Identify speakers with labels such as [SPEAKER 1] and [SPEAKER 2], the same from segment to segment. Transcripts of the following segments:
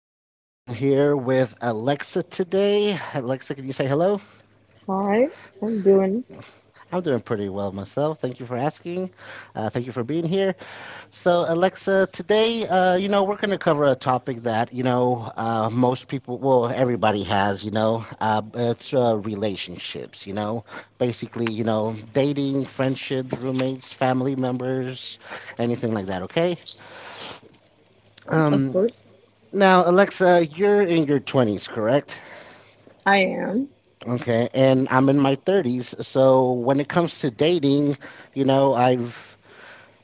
[SPEAKER 1] is Juan, and I'm here with Alexa today. Alexa, can you say hello?
[SPEAKER 2] Hi, I'm doing.
[SPEAKER 1] I'm doing pretty well myself. Thank you for asking. Thank you for being here. So, Alexa, today, we're going to cover a topic that most people, well, everybody has, you know, it's relationships, basically, dating, friendships, roommates, family members, anything like that, okay?
[SPEAKER 2] Of
[SPEAKER 1] Um,
[SPEAKER 2] course,
[SPEAKER 1] Now, Alexa, you're in your 20s, correct?
[SPEAKER 2] I am.
[SPEAKER 1] Okay, and I'm in my 30s, so when it comes to dating, you know, I've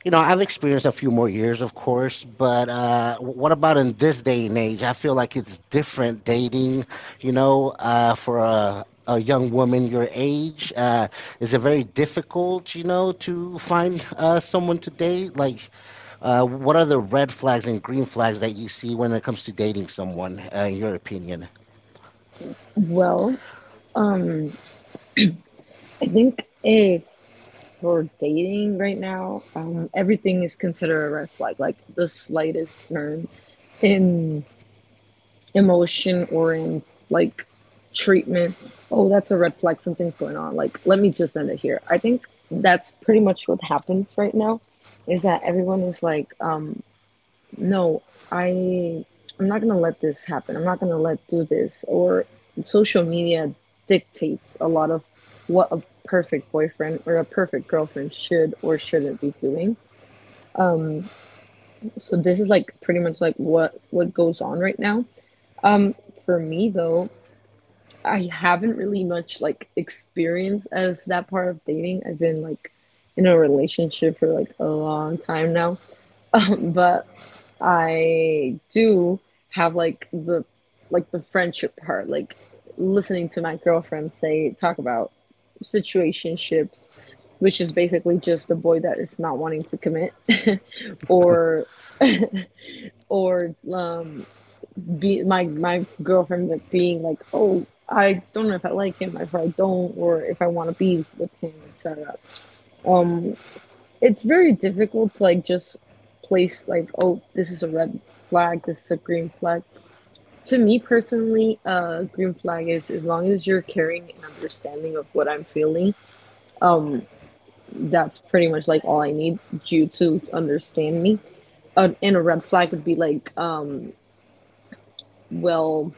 [SPEAKER 1] I've experienced a few more years, of course, but what about in this day and age? I feel like it's different dating, for a young woman your age. Is it very difficult, to find someone to date? Like, what are the red flags and green flags that you see when it comes to dating someone, in your opinion?
[SPEAKER 2] Well, um, I think is for dating right now. Everything is considered a red flag, like the slightest turn in emotion or in like treatment. Oh, that's a red flag. Something's going on. Like, let me just end it here. I think that's pretty much what happens right now. Is that everyone is like, no, I I'm not gonna let this happen. I'm not gonna let do this. Or social media dictates a lot of what a perfect boyfriend or a perfect girlfriend should or shouldn't be doing. So this is like pretty much like what goes on right now. Um, for me though, I haven't really much like experience as that part of dating. I've been like in a relationship for like a long time now, but I do have like the friendship part, like listening to my girlfriend say talk about situationships, which is basically just a boy that is not wanting to commit, or or be my girlfriend like being like oh. I don't know if I like him, if I don't, or if I want to be with him, etc. Um, it's very difficult to like just place like, oh, this is a red flag, this is a green flag. To me personally, green flag is as long as you're carrying an understanding of what I'm feeling, that's pretty much like all I need you to understand me. And a red flag would be like, well,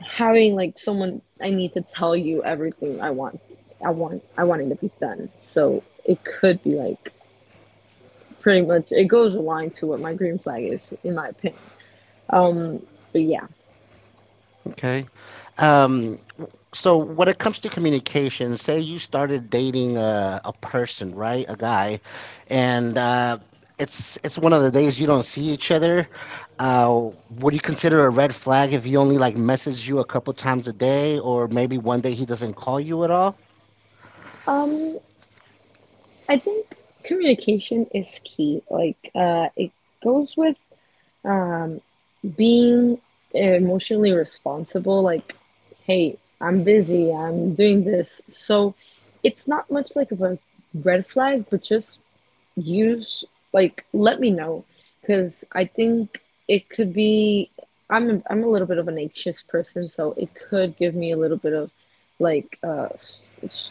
[SPEAKER 2] having like someone I need to tell you everything I want, I want, I want it to be done. So it could be like pretty much it goes aligned to what my green flag is, in my opinion. But yeah,
[SPEAKER 1] Okay. Um, So when it comes to communication, say you started dating a person, right? A guy, and it's one of the days you don't see each other. Would you consider a red flag if he only like messaged you a couple times a day, or maybe one day he doesn't call you at all?
[SPEAKER 2] um, I think communication is key. Like, it goes with Um, being emotionally responsible, like, hey, I'm busy, I'm doing this. So it's not much like of a red flag, but just use like let me know because I think it could be I'm a little bit of an anxious person, so it could give me a little bit of like uh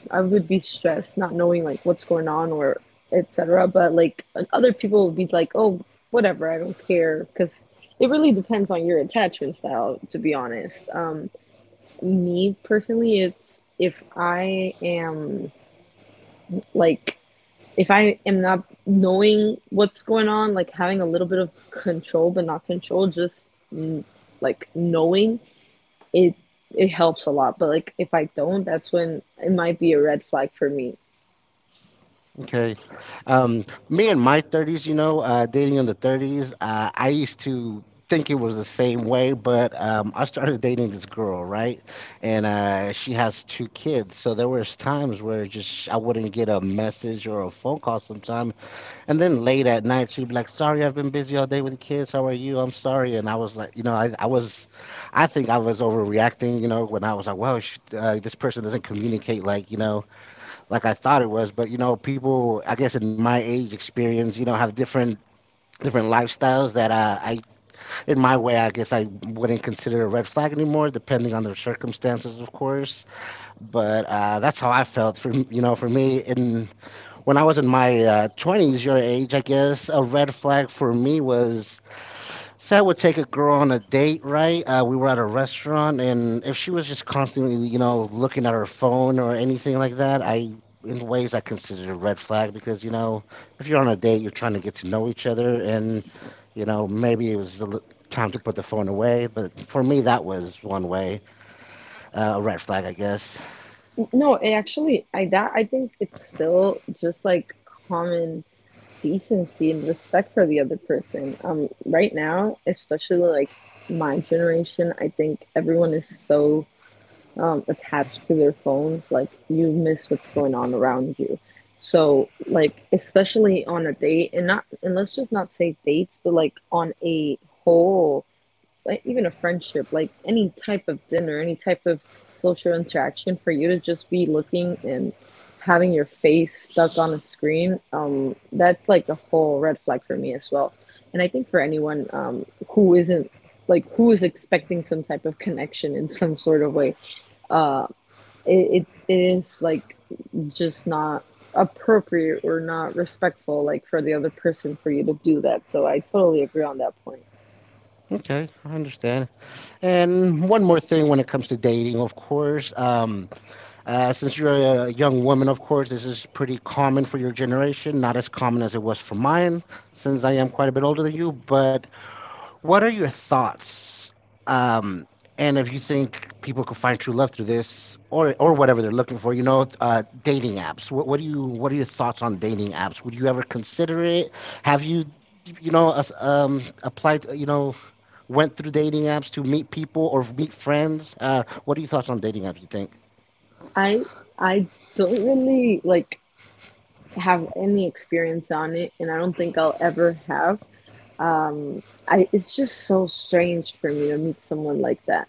[SPEAKER 2] I would be stressed not knowing like what's going on or etc. But like other people would be like, oh whatever, I don't care because it really depends on your attachment style to be honest. Me personally, it's if I am like if I am not knowing what's going on, like having a little bit of control, but not control, just mm, like knowing it, it helps a lot. But like if I don't, that's when it might be a red flag for me.
[SPEAKER 1] Okay. Me in my 30s, dating in the 30s, I used to think it was the same way, but I started dating this girl, right? And she has two kids. So there was times where just I wouldn't get a message or a phone call sometime. And then late at night, she'd be like, sorry, I've been busy all day with the kids. How are you? I'm sorry. And I was like, I think I was overreacting, when I was like, wow, this person doesn't communicate like, like I thought it was. But people, I guess, in my age experience, have different lifestyles that I, in my way, I guess I wouldn't consider a red flag anymore, depending on the circumstances, of course. But that's how I felt. For you know, for me, in When I was in my twenties, your age, I guess, a red flag for me was so I would take a girl on a date, right? We were at a restaurant, and if she was just constantly, looking at her phone or anything like that, I, in ways, I considered a red flag because, if you're on a date, you're trying to get to know each other, and, maybe it was time to put the phone away. But for me, that was one way, a red flag, I guess.
[SPEAKER 2] No, it actually, I think it's still just like common decency and respect for the other person. Right now, especially like my generation, I think everyone is so attached to their phones, like you miss what's going on around you. So, like, especially on a date, and not, and let's just not say dates, but like on a whole, like even a friendship, like any type of dinner, any type of social interaction, for you to just be looking and having your face stuck on a screen, that's like a whole red flag for me as well. And I think for anyone who isn't like who is expecting some type of connection in some sort of way uh, it is like just not appropriate or not respectful like for the other person for you to do that, so I totally agree on that point.
[SPEAKER 1] Okay, I understand. And one more thing when it comes to dating, of course. Since you're a young woman, of course, this is pretty common for your generation, not as common as it was for mine, since I am quite a bit older than you. But what are your thoughts? Um, and if you think people could find true love through this, or whatever they're looking for, dating apps. What are your thoughts on dating apps? Would you ever consider it? Have you, applied? Went through dating apps to meet people or meet friends? What are your thoughts on dating apps? You think?
[SPEAKER 2] I i don't really like have any experience on it, and I don't think I'll ever have. I, it's just so strange for me to meet someone like that.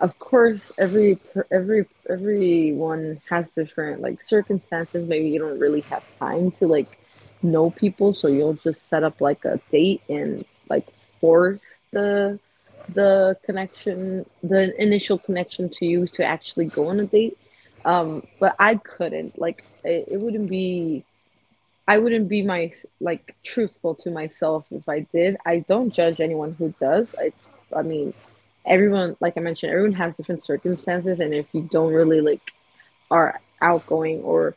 [SPEAKER 2] Of course, everyone has different like circumstances. Maybe you don't really have time to like know people, so you'll just set up like a date and like force the connection, the initial connection to you to actually go on a date. But I couldn't like it wouldn't be. I wouldn't be my like truthful to myself if I did. I don't judge anyone who does. I mean, Everyone like I mentioned, everyone has different circumstances, and if you don't really like are outgoing or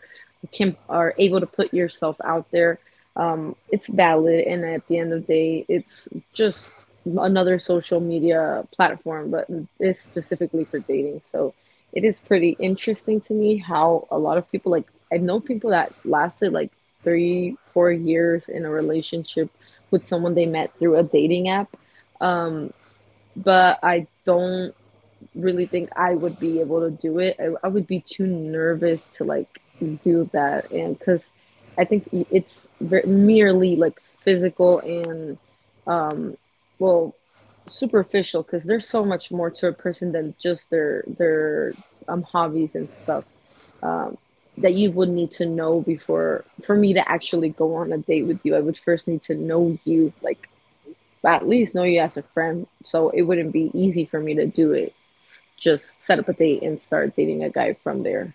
[SPEAKER 2] can are able to put yourself out there, it's valid. And at the end of the day, it's just another social media platform, but it's specifically for dating. So it is pretty interesting to me how a lot of people like I know people that lasted like three, four years in a relationship with someone they met through a dating app. Um, but I don't really think I would be able to do it. I would be too nervous to like do that, and because I think it's merely like physical and well superficial. Because there's so much more to a person than just their hobbies and stuff. Um, that you would need to know before for me to actually go on a date with you. I would first need to know you, like at least know you as a friend. So it wouldn't be easy for me to do it just set up a date and start dating a guy from there.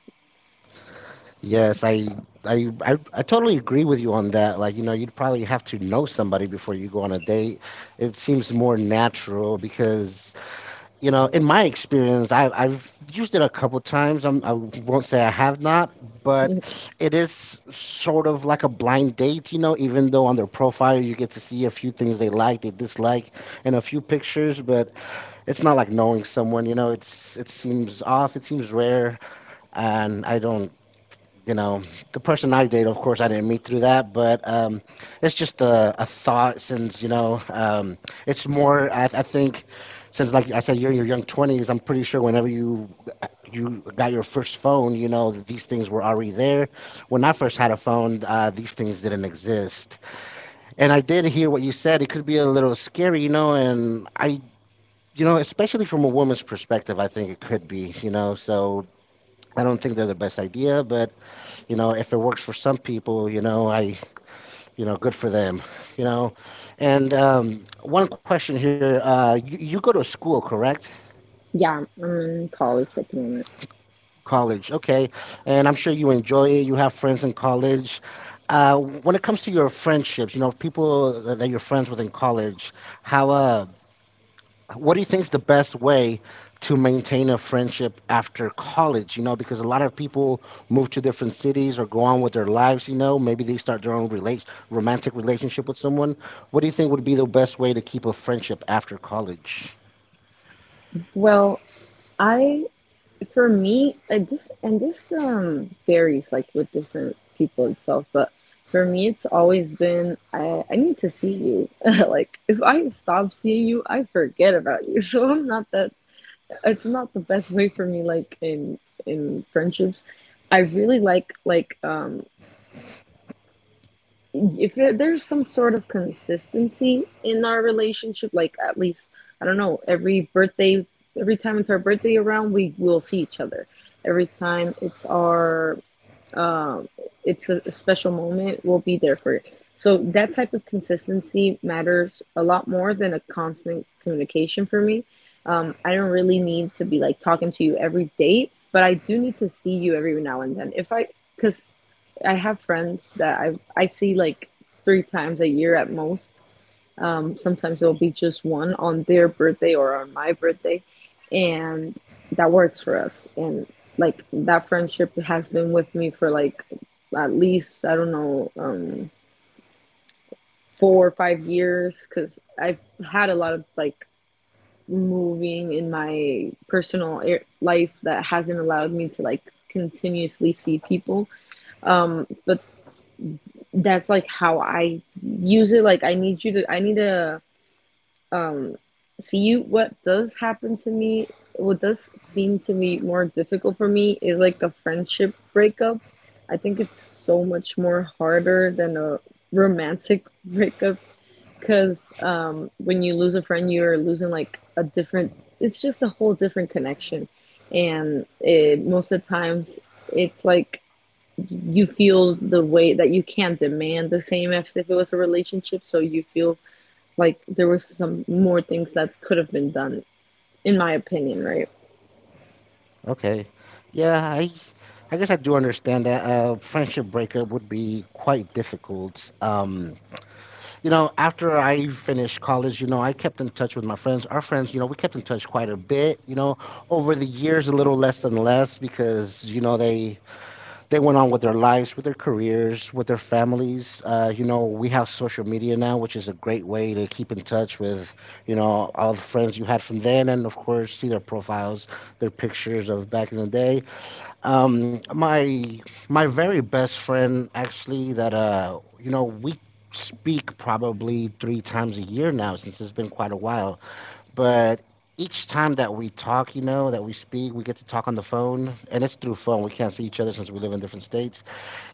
[SPEAKER 1] Yes, I totally agree with you on that. Like, you'd probably have to know somebody before you go on a date. It seems more natural because, in my experience, I've used it a couple times. I won't say I have not, but it is sort of like a blind date, even though on their profile you get to see a few things they like, they dislike, and a few pictures, but it's not like knowing someone, it seems off, it seems rare, and I don't you know, the person I date, of course, I didn't meet through that, but it's just a thought since, it's more, I think, since, like I said, you're in your young 20s, I'm pretty sure whenever you got your first phone, that these things were already there. When I first had a phone, these things didn't exist. And I did hear what you said. It could be a little scary, you know, and I, you know, especially from a woman's perspective, I think it could be, so I don't think they're the best idea, but if it works for some people, good for them, you know. And one question here: you go to school, correct?
[SPEAKER 2] Yeah, I'm in college at the moment.
[SPEAKER 1] College, okay. And I'm sure you enjoy it. You have friends in college. When it comes to your friendships, people that you're friends with in college, how what do you think is the best way to maintain a friendship after college? Because a lot of people move to different cities or go on with their lives, maybe they start their own relate romantic relationship with someone. What do you think would be the best way to keep a friendship after college?
[SPEAKER 2] Well, I For me this and this varies like with different people itself, but for me it's always been I need to see you. Like if I stop seeing you, I forget about you. So I'm not that it's not the best way for me like in friendships. I really like if there's some sort of consistency in our relationship, like at least, I don't know, every birthday, every time it's our birthday around, we will see each other. Every time it's our, It's a special moment, we'll be there for it. So that type of consistency matters a lot more than a constant communication for me. I don't really need to be like talking to you every day, but I do need to see you every now and then. If I, Because I have friends that I see like three times a year at most. Sometimes it'll be just one on their birthday or on my birthday, and that works for us. And like that friendship has been with me for like at least I don't know four or five years because I've had a lot of like moving in my personal life that hasn't allowed me to like continuously see people but that's like how I use it. Like I need you to I need to see you. What does happen to me what does seem to me more difficult for me is like a friendship breakup. I think it's so much more harder than a romantic breakup because when you lose a friend, you're losing like a different, it's just a whole different connection. And it, most of the times, it's like you feel the way that you can't demand the same as if it was a relationship. So you feel like there was some more things that could have been done, in my opinion, right?
[SPEAKER 1] Okay. Yeah, I guess I do understand that a friendship breakup would be quite difficult. After I finished college, I kept in touch with my friends. Our friends, we kept in touch quite a bit, over the years a little less and less because, they went on with their lives, with their careers, with their families. We have social media now, which is a great way to keep in touch with, all the friends you had from then and of course see their profiles, their pictures of back in the day. Um, my my very best friend actually that we speak probably three times a year now since it's been quite a while. But each time that we talk, that we speak, we get to talk on the phone, and it's through phone. We can't see each other since we live in different states.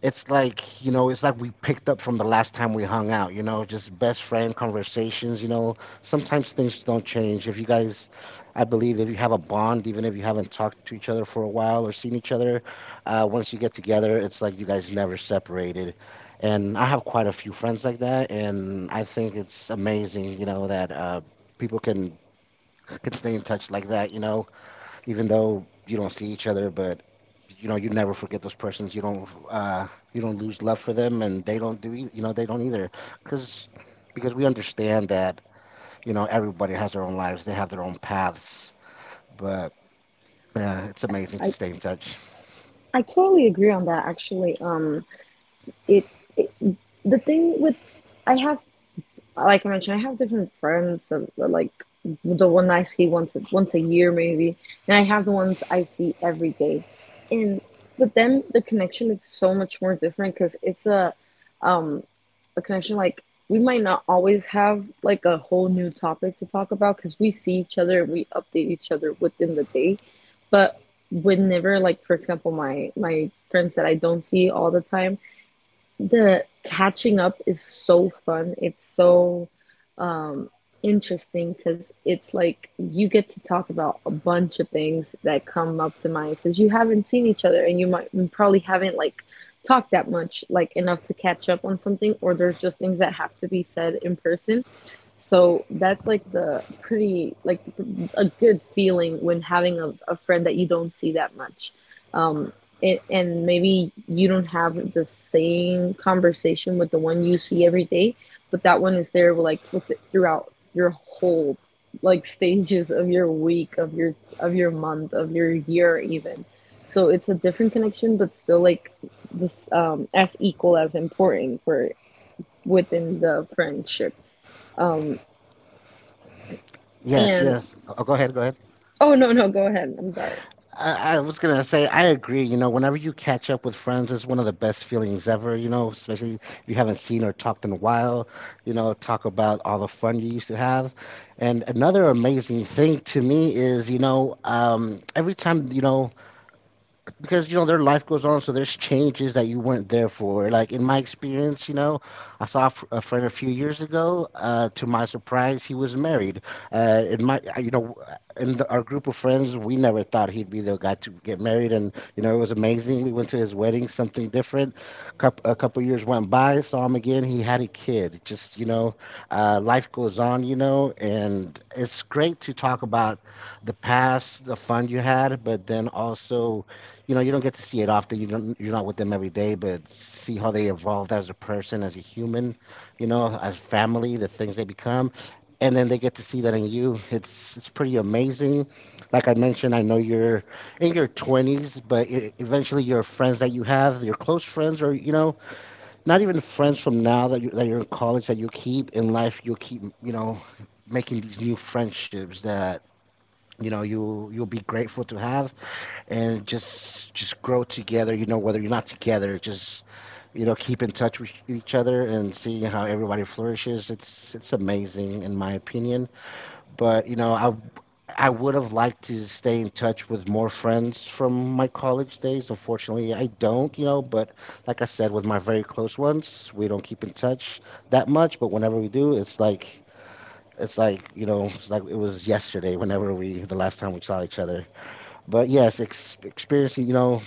[SPEAKER 1] It's like we picked up from the last time we hung out. Just best friend conversations. Sometimes things don't change if you guys, I believe, if you have a bond, even if you haven't talked to each other for a while or seen each other, once you get together, it's like you guys never separated. And I have quite a few friends like that, and I think it's amazing that people can stay in touch like that, even though you don't see each other, but you never forget those persons. You don't lose love for them, and they don't do ei- you know they don't either, because we understand that everybody has their own lives, they have their own paths, but it's amazing to
[SPEAKER 2] I
[SPEAKER 1] stay in touch.
[SPEAKER 2] I totally agree on that. Actually, it, it the thing with I have like I mentioned, I have different friends. Of, like the one I see once a, once a year maybe, and I have the ones I see every day, and with them the connection is so much more different because it's um. a connection like we might not always have like a whole new topic to talk about because we see each other and we update each other within the day but whenever like for example my friends that I don't see all the time the catching up is so fun, it's so interesting because it's like you get to talk about a bunch of things that come up to mind because you haven't seen each other, and you might you probably haven't like talked that much like enough to catch up on something or there's just things that have to be said in person so that's like the pretty like a good feeling when having a friend that you don't see that much, um, and maybe you don't have the same conversation with the one you see every day, but that one is there like with it throughout your whole like stages of your week, of your month, of your year even. So it's a different connection, but still like this as equal as important for within the friendship. Um,
[SPEAKER 1] Yes,
[SPEAKER 2] and
[SPEAKER 1] yes. Oh, go ahead, go ahead.
[SPEAKER 2] oh no, no, go ahead. I'm sorry.
[SPEAKER 1] I was gonna say I agree. Whenever you catch up with friends, it's one of the best feelings ever. Especially if you haven't seen or talked in a while. Talk about all the fun you used to have. And another amazing thing to me is, every time because you know their life goes on, so there's changes that you weren't there for. Like in my experience, you know, I saw a friend a few years ago. To my surprise, he was married. In my I- you know In our group of friends, we never thought he'd be the guy to get married, and you know, it was amazing. We went to his wedding. Something different. Coup A couple years went by, saw him again, he had a kid. Just, you know, life goes on. You know, and it's great to talk about the past, the fun you had, but then also, you know, you don't get to see it often. You're not with them every day, but see how they evolved as a person, as a human, you know, as family, the things they become. And then they get to see that in you. It's pretty amazing. Like I mentioned, I know you're in your 20s, but eventually your friends that you have, your close friends, or you know, not even friends from now that you're in college, that you keep in life, you'll keep, you know, making these new friendships that, you know, you'll be grateful to have, and just grow together. You know, whether you're not together, just, you know, keep in touch with each other and seeing how everybody flourishes. It's amazing in my opinion. But you know, I would have liked to stay in touch with more friends from my college days. Unfortunately, I don't. You know, but like I said, with my very close ones, we don't keep in touch that much. But whenever we do, It's like, you know, it's like it was yesterday whenever the last time we saw each other. But yes, experiencing, you know,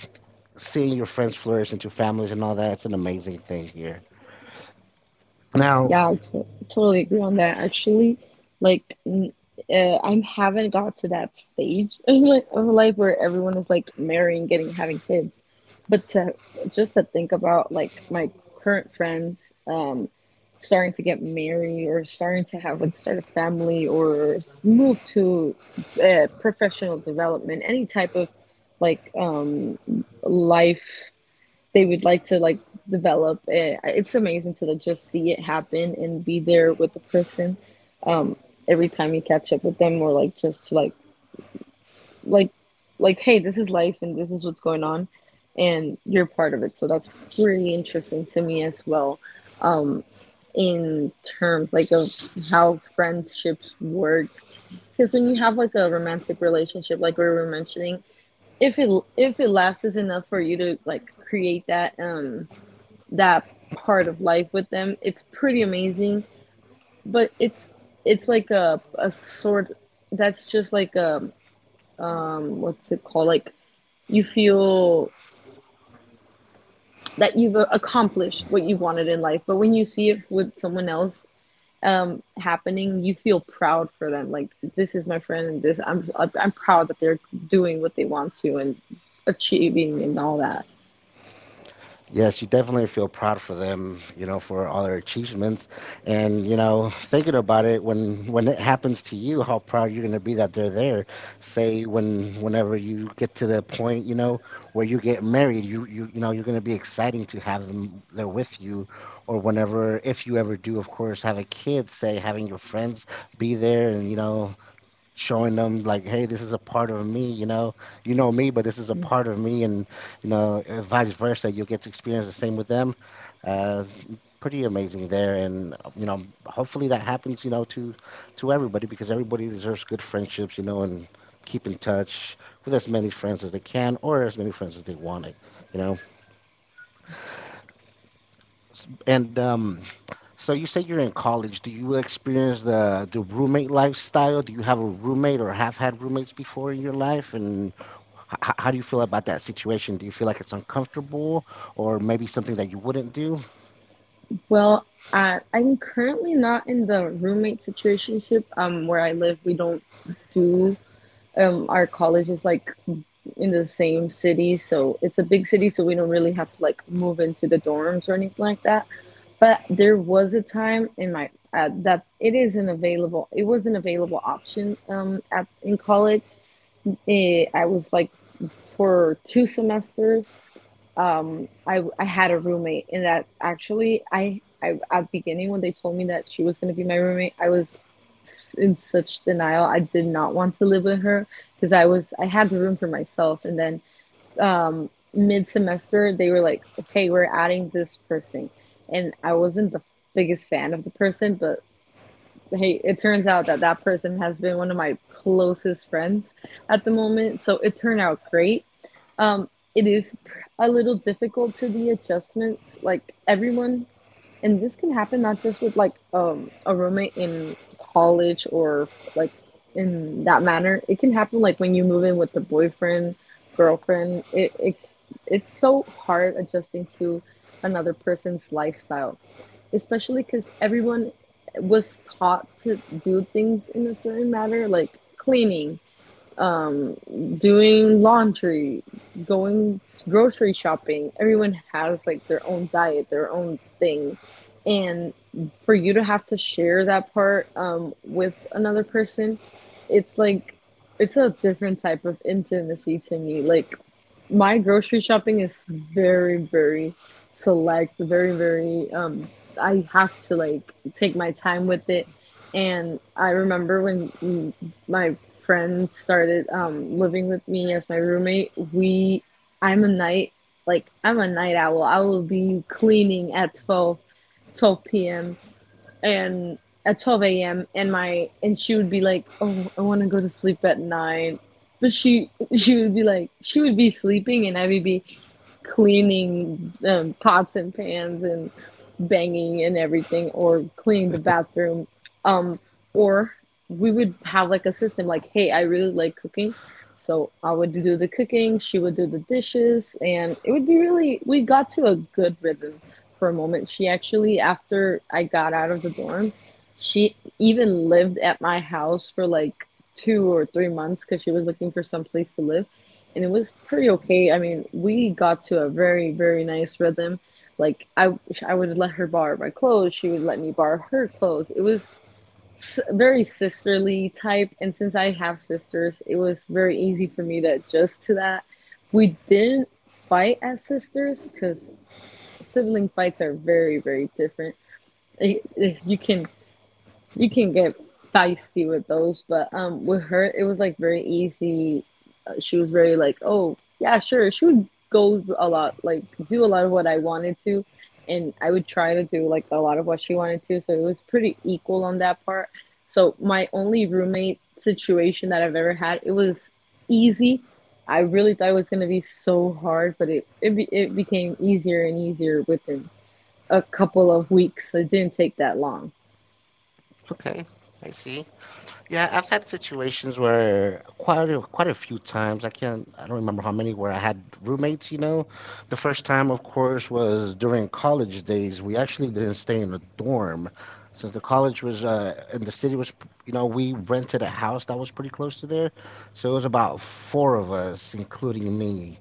[SPEAKER 1] seeing your friends flourish into families and all that, it's an amazing thing here. Now,
[SPEAKER 2] Yeah, I to totally agree on that. Actually, like n I haven't got to that stage in my of life where everyone is like marrying, getting, having kids. But to just to think about like my current friends starting to get married or starting to have like start a family or move to professional development, any type of like life. They would like to like develop it. It's amazing to like just see it happen and be there with the person every time you catch up with them, or like just to like like hey, this is life and this is what's going on and you're part of it. So that's pretty interesting to me as well in terms like of how friendships work, because when you have like a romantic relationship, like we were mentioning, if it if it lasts enough for you to like create that part of life with them. It's pretty amazing, but it's like a sort, that's just like a what's it called? Like you feel that you've accomplished what you wanted in life, but when you see it with someone else happening, you feel proud for them. Like this is my friend, and this I'm proud that they're doing what they want to and achieving and all that.
[SPEAKER 1] yes, you definitely feel proud for them, you know, for all their achievements. And, you know, thinking about it, when it happens to you, how proud you're going to be that they're there. Say whenever you get to the point, you know, where you get married, you know, you're going to be exciting to have them there with you, or whenever, if you ever do, of course, have a kid, say having your friends be there, and you know, showing them like, hey, this is a part of me. You know, you know me, but this is a
[SPEAKER 2] Mm-hmm.
[SPEAKER 1] part of me. And you know, vice versa, you'll get to experience the same with them. uh, Pretty amazing there. And you know, hopefully that happens, you know, to everybody, because everybody deserves good friendships, you know, and keep in touch with as many friends as they can, or as many friends as they want it, you know. S- And so you say you're in college. Do you experience the roommate lifestyle? Do you have a roommate or have had roommates before in your life? And how do you feel about that situation? Do you feel like it's uncomfortable, or maybe something that you wouldn't do?
[SPEAKER 2] Well, I'm currently not in the roommate situationship. Where I live, we don't do. Our college is like in the same city, so it's a big city, so we don't really have to like move into the dorms or anything like that. But there was a time in my, that it is an available it was an available option at in college. I was like for 2 semesters, I had a roommate. And that actually, I at the beginning, when they told me that she was going to be my roommate, I was in such denial. I did not want to live with her because I had the room for myself. And then mid semester they were like, okay, we're adding this person, and I wasn't the biggest fan of the person. But hey, it turns out that that person has been one of my closest friends at the moment. So it turned out great. Um, it is a little difficult, to the adjustments. Like everyone, and this can happen not just with like a roommate in college or like in that manner. It can happen like when you move in with the boyfriend, girlfriend. It's so hard adjusting to another person's lifestyle, especially because everyone was taught to do things in a certain manner, like cleaning, um, doing laundry, going grocery shopping. Everyone has like their own diet, their own thing. And for you to have to share that part with another person, it's like, it's a different type of intimacy to me. Like, my grocery shopping is very, very select, very, very, I have to like take my time with it. And I remember when my friend started living with me as my roommate. We I'm a night like I'm a night owl. I will be cleaning at twelve p.m and at 12 a.m. and my and she would be like, "Oh, I want to go to sleep at 9." But she would be like, she would be sleeping and I would be cleaning pots and pans and banging and everything, or cleaning the bathroom, um or we would have like a system, like, hey, I really like cooking, so I would do the cooking, she would do the dishes, and it would be really we got to a good rhythm. For a moment, she actually, after I got out of the dorms, she even lived at my house for like 2 or 3 months because she was looking for some place to live. And it was pretty okay. I mean, we got to a very, very nice rhythm, like I would let her borrow my clothes. She would let me borrow her clothes. It was very sisterly type, and since I have sisters, it was very easy for me to adjust to that. We didn't fight as sisters, because sibling fights are very, very different. You can get feisty with those. But with her it was like very easy. She was very like, oh, yeah, sure. She would go a lot, like do a lot of what I wanted to. And I would try to do like a lot of what she wanted to. So it was pretty equal on that part. So my only roommate situation that I've ever had, it was easy. I really thought it was going to be so hard, but it became easier and easier within a couple of weeks. It didn't take that long.
[SPEAKER 1] Okay, I see. Yeah, I've had situations where quite a few times. I can't. I don't remember how many. Where I had roommates. You know, the first time, of course, was during college days. We actually didn't stay in a dorm, since the college was and the city was. P- you know, we rented a house that was pretty close to there, so it was about four of us, including me.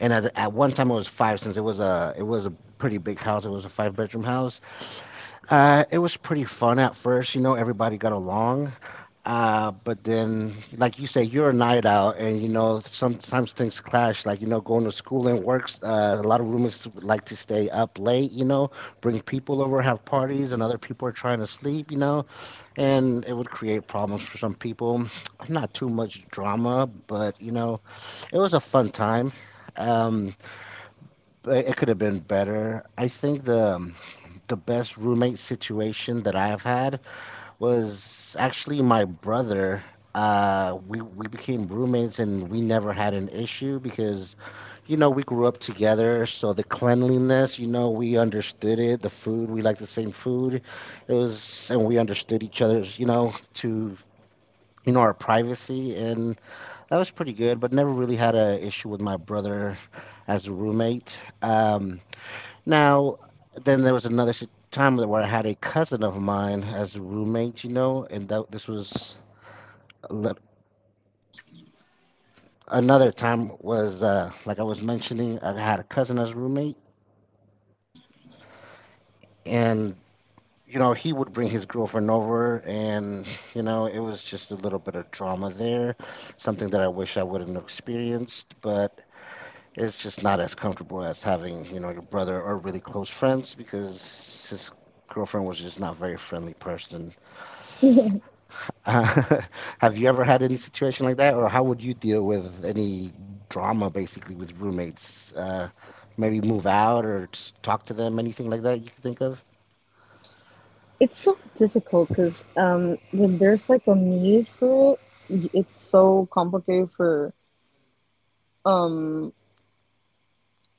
[SPEAKER 1] And at one time, it was five, since it was a pretty big house. It was a five-bedroom house. It was pretty fun at first, you know, everybody got along. But then, like you say, you're a night out, and you know sometimes things clash. Like you know, going to school and works. A lot of roommates like to stay up late. You know, bring people over, have parties, and other people are trying to sleep. You know, and it would create problems for some people. Not too much drama, but you know, it was a fun time. Um, but it could have been better. I think the best roommate situation that I've had was actually my brother. We became roommates, and we never had an issue because you know we grew up together. So the cleanliness, you know, we understood it. The food, we liked the same food. It was and we understood each other's, you know, to you know, our privacy, and that was pretty good. But never really had a issue with my brother as a roommate. Um, now, then there was time where I had a cousin of mine as a roommate, you know, and that, this was a lit- another time was, like I was mentioning, I had a cousin as a roommate, and you know he would bring his girlfriend over, and you know it was just a little bit of drama there, something that I wish I wouldn't have experienced, but it's just not as comfortable as having, you know, your brother or really close friends, because his girlfriend was just not a very friendly person. Uh, Have you ever had any situation like that, or how would you deal with any drama basically with roommates? Maybe move out or just talk to them, anything like that you can think of?
[SPEAKER 2] It's so difficult because when there's like a need for it, it's so complicated for um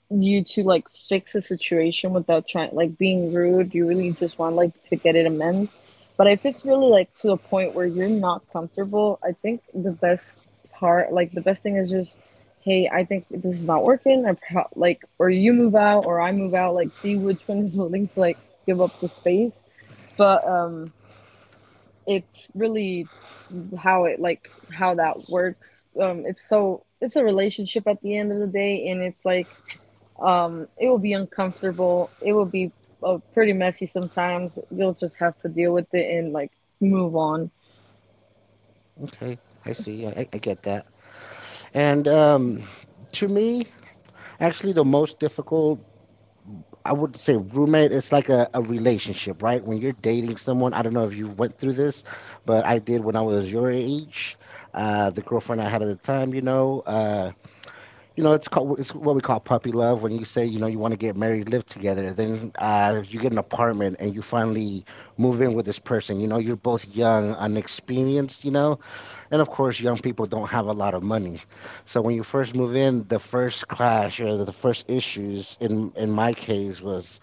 [SPEAKER 2] you to like fix a situation without trying, like, being rude. You really just want like to get it amends. But if it's really like to a point where you're not comfortable, I think the best part, like the best thing, is just, hey, I think this is not working. Like, or you move out, or I move out. Like, see which one is willing to like give up the space. But it's really how it like how that works. It's a relationship at the end of the day, and it's like, it will be uncomfortable, it will be pretty messy sometimes. You'll just have to deal with it and like move on.
[SPEAKER 1] Okay, I see. I get that. And to me, actually, the most difficult, I would say roommate, it's like a relationship, right? When you're dating someone, I don't know if you went through this, but I did when I was your age. The girlfriend I had at the time, you know, it's called, it's what we call puppy love. When you say, you know, you want to get married, live together, then you get an apartment and you finally move in with this person. You know, you're both young, unexperienced. You know, and of course, young people don't have a lot of money. So when you first move in, the first clash or the first issues in my case was,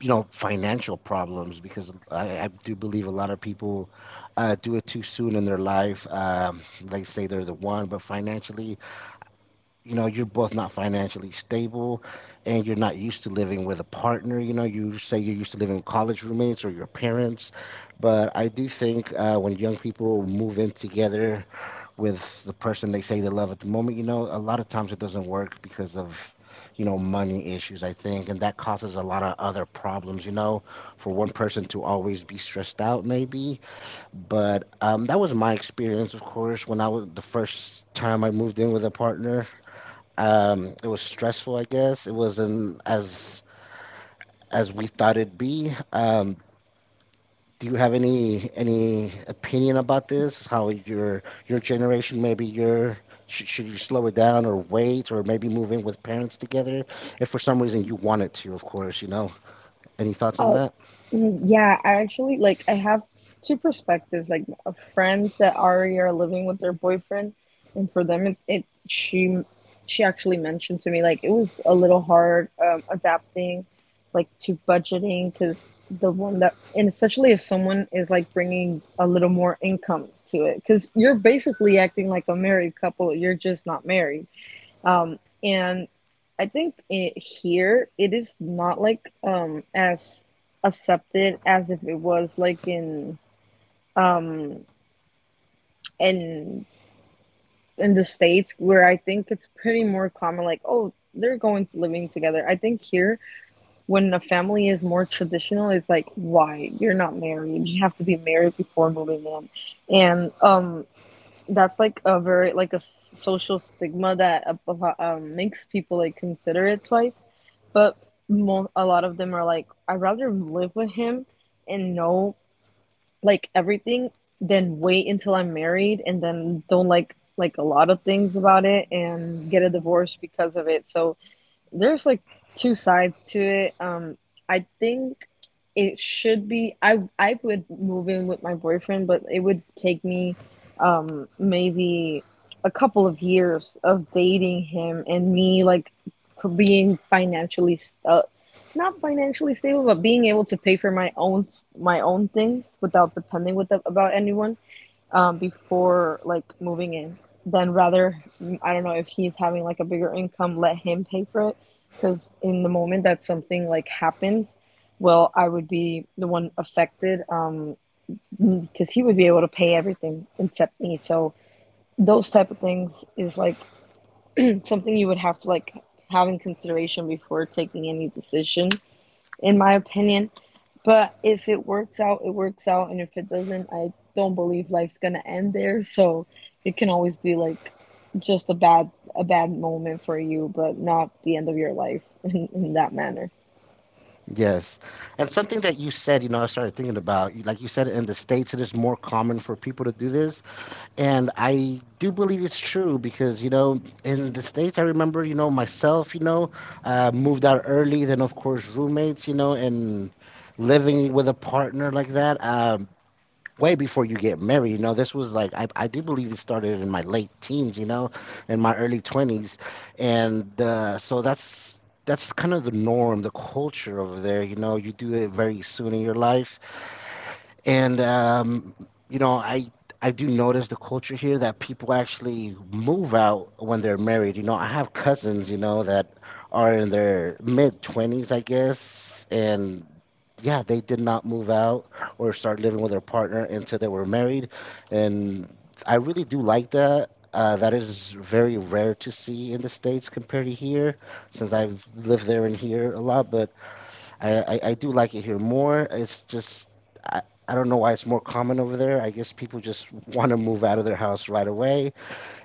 [SPEAKER 1] you know, financial problems because I do believe a lot of people do it too soon in their life. They say they're the one, but financially, you know, you're both not financially stable, and you're not used to living with a partner. You know, you say you're used to living with college roommates or your parents, but I do think, when young people move in together with the person they say they love at the moment, you know, a lot of times it doesn't work because of, you know, money issues, I think, and that causes a lot of other problems. You know, for one person to always be stressed out, maybe. But that was my experience. Of course, when I was the first time I moved in with a partner, it was stressful, I guess. It wasn't as we thought it'd be. Do you have any opinion about this? How your generation, maybe your should you slow it down or wait, or maybe move in with parents together, if for some reason you wanted to, of course, you know. Any thoughts on
[SPEAKER 2] Oh,
[SPEAKER 1] that?
[SPEAKER 2] yeah, I actually like I have two perspectives, like of friends that already are living with their boyfriend. And for them, it she actually mentioned to me like it was a little hard adapting like to budgeting, because the one that and especially if someone is like bringing a little more income to it, because you're basically acting like a married couple, you're just not married. And I think here it is not like as accepted as if it was like in, um in in the States, where I think it's pretty more common, like, oh, they're going living together. I think here, when a family is more traditional, it's like, why you're not married? You have to be married before moving in. And that's like a very, like a social stigma that makes people like consider it twice. But a lot of them are like, I'd rather live with him and know like everything, than wait until I'm married and then don't like a lot of things about it and get a divorce because of it. So there's like two sides to it. I think it should be. I would move in with my boyfriend, but it would take me maybe a couple of years of dating him, and me like being financially, uh, not financially stable, but being able to pay for my own things without depending with about anyone, before like moving in. Then rather, I don't know, if he's having like a bigger income, let him pay for it. Because in the moment that something like happens, well, I would be the one affected. Because he would be able to pay everything except me. So those type of things is like, something you would have to like have in consideration before taking any decision, in my opinion. But if it works out, it works out, and if it doesn't, I don't believe life's gonna end there. So it can always be like just a bad moment for you, but not the end of your life in that manner.
[SPEAKER 1] Yes. And something that you said, you know, I started thinking about, like you said, in the States, it is more common for people to do this. And I do believe it's true because, you know, in the States, I remember, you know, myself, you know, moved out early, then, of course, roommates, you know, and living with a partner like that, way before you get married, you know, this was like, I do believe it started in my late teens, you know, in my early 20s. And That's kind of the norm, the culture over there. You know, you do it very soon in your life, and you know, I do notice the culture here that people actually move out when they're married. You know, I have cousins, you know, that are in their mid 20s, I guess, and yeah, they did not move out or start living with their partner until they were married. And I really do like that. That is very rare to see in the states compared to here, since I've lived there and here a lot. But I do like it here more. It's just I, I don't know why it's more common over there. I guess people just want to move out of their house right away.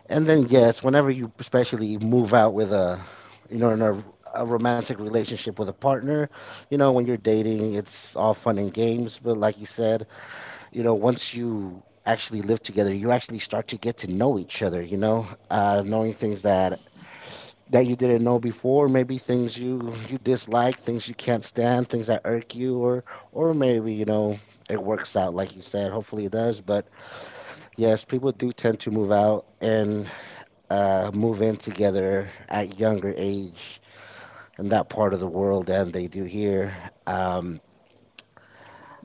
[SPEAKER 1] And then yes, whenever you especially move out with a, you know, a romantic relationship with a partner, you know, when you're dating, it's all fun and games. But like you said, you know, once you actually live together, you actually start to get to know each other. You know, knowing things that you didn't know before, maybe things you dislike, things you can't stand, things that irk you, or maybe, you know, it works out, like you said, hopefully it does. But yes, people do tend to move out and move in together at younger age in that part of the world than they do here. um,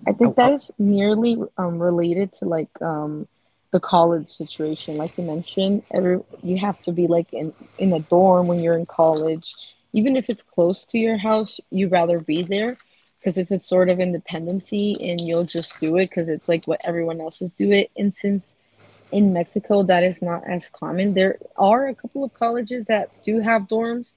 [SPEAKER 2] I
[SPEAKER 1] I,
[SPEAKER 2] think
[SPEAKER 1] I,
[SPEAKER 2] that is nearly related to like, the college situation. Like you mentioned, every you have to be like in a dorm when you're in college, even if it's close to your house. You'd rather be there because it's a sort of independency, and you'll just do it because it's like what everyone else is doing. And since in Mexico, that is not as common. There are a couple of colleges that do have dorms,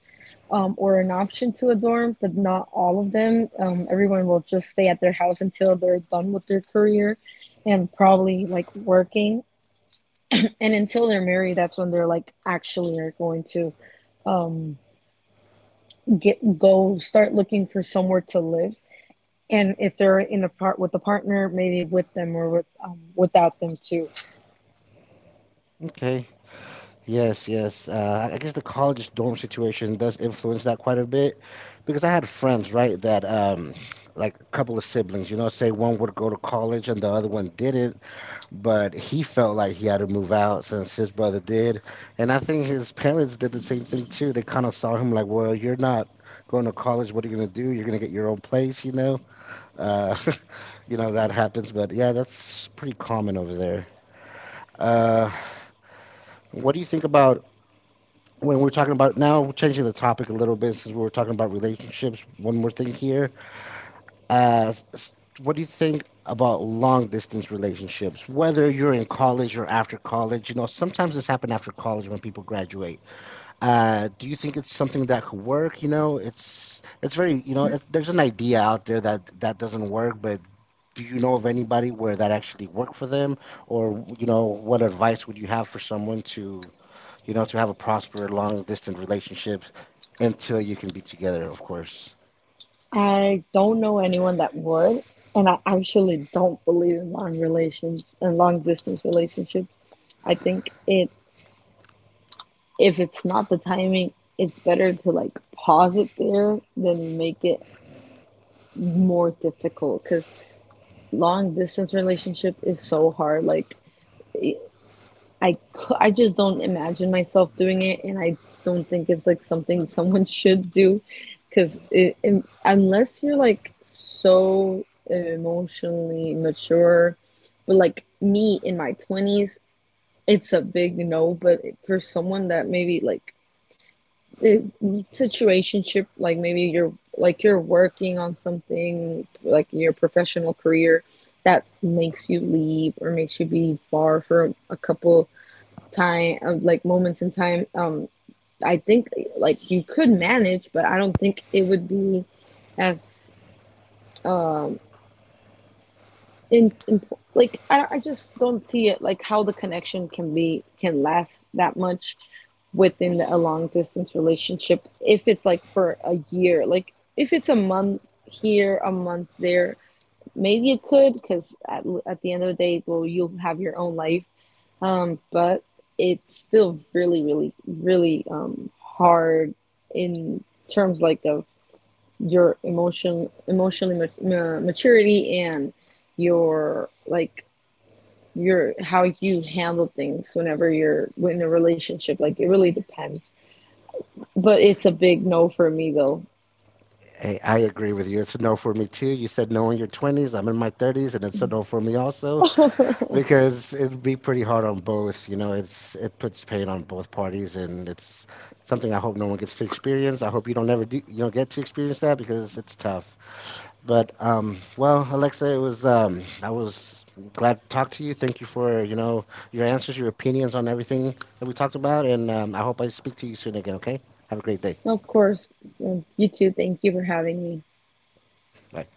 [SPEAKER 2] or an option to a dorm, but not all of them. Everyone will just stay at their house until they're done with their career, and probably like working. And until they're married, that's when they're like actually are going to, um, get go start looking for somewhere to live. And if they're in a part with a partner, maybe with them, or with, without them too.
[SPEAKER 1] okay. Yes, yes. I guess the college dorm situation does influence that quite a bit because I had friends, right, that like a couple of siblings, you know, say one would go to college and the other one didn't, but he felt like he had to move out since his brother did. And I think his parents did the same thing too. They kind of saw him like, well, you're not going to college. What are you going to do? You're going to get your own place, you know? Uh, you know, that happens, but yeah, that's pretty common over there. Uh, what do you think about? When we're talking about, now we're changing the topic a little bit, since we were talking about relationships, one more thing here. uh what do you think about long distance relationships, whether you're in college or after college? You know, sometimes this happens after college, when people graduate. Do you think it's something that could work? You know, it's very, you know, there's an idea out there that that doesn't work, but do you know of anybody where that actually worked for them, or you know, what advice would you have for someone to, you know, to have a prosperous long distance relationships until you can be together, of course.
[SPEAKER 2] I don't know anyone that would, and I actually don't believe in long distance relationships. I think it if it's not the timing, it's better to like pause it there than make it more difficult, because long distance relationship is so hard. Like, I just don't imagine myself doing it, and I don't think it's like something someone should do, because it, unless you're like so emotionally mature, but like me in my 20s, it's a big no. But for someone that maybe like it, situationship, like maybe you're like you're working on something like your professional career that makes you leave or makes you be far for a couple time of like moments in time, I think like you could manage, but I don't think it would be as, um in like I, just don't see it, like how the connection can last that much within a long distance relationship, if it's like for a year, like if it's a month here, a month there, maybe it could, because at the end of the day, well, you'll have your own life. But it's still really, really, really, hard in terms like of your emotionally maturity, and your like your how you handle things whenever you're in a relationship. Like, it really depends. But it's a big no for me though.
[SPEAKER 1] Hey, I agree with you. It's a no for me too. You said no in your 20s. I'm in my 30s, and it's a no for me also. Because it'd be pretty hard on both. You know, it's, it puts pain on both parties, and it's something I hope no one gets to experience. I hope you don't ever do, you don't get to experience that because it's tough. But well, Alexa, it was I was glad to talk to you. Thank you for, you know, your answers, your opinions on everything that we talked about, and I hope I speak to you soon again. Okay, have a great day.
[SPEAKER 2] Of course. You too. Thank you for having me.
[SPEAKER 1] Bye.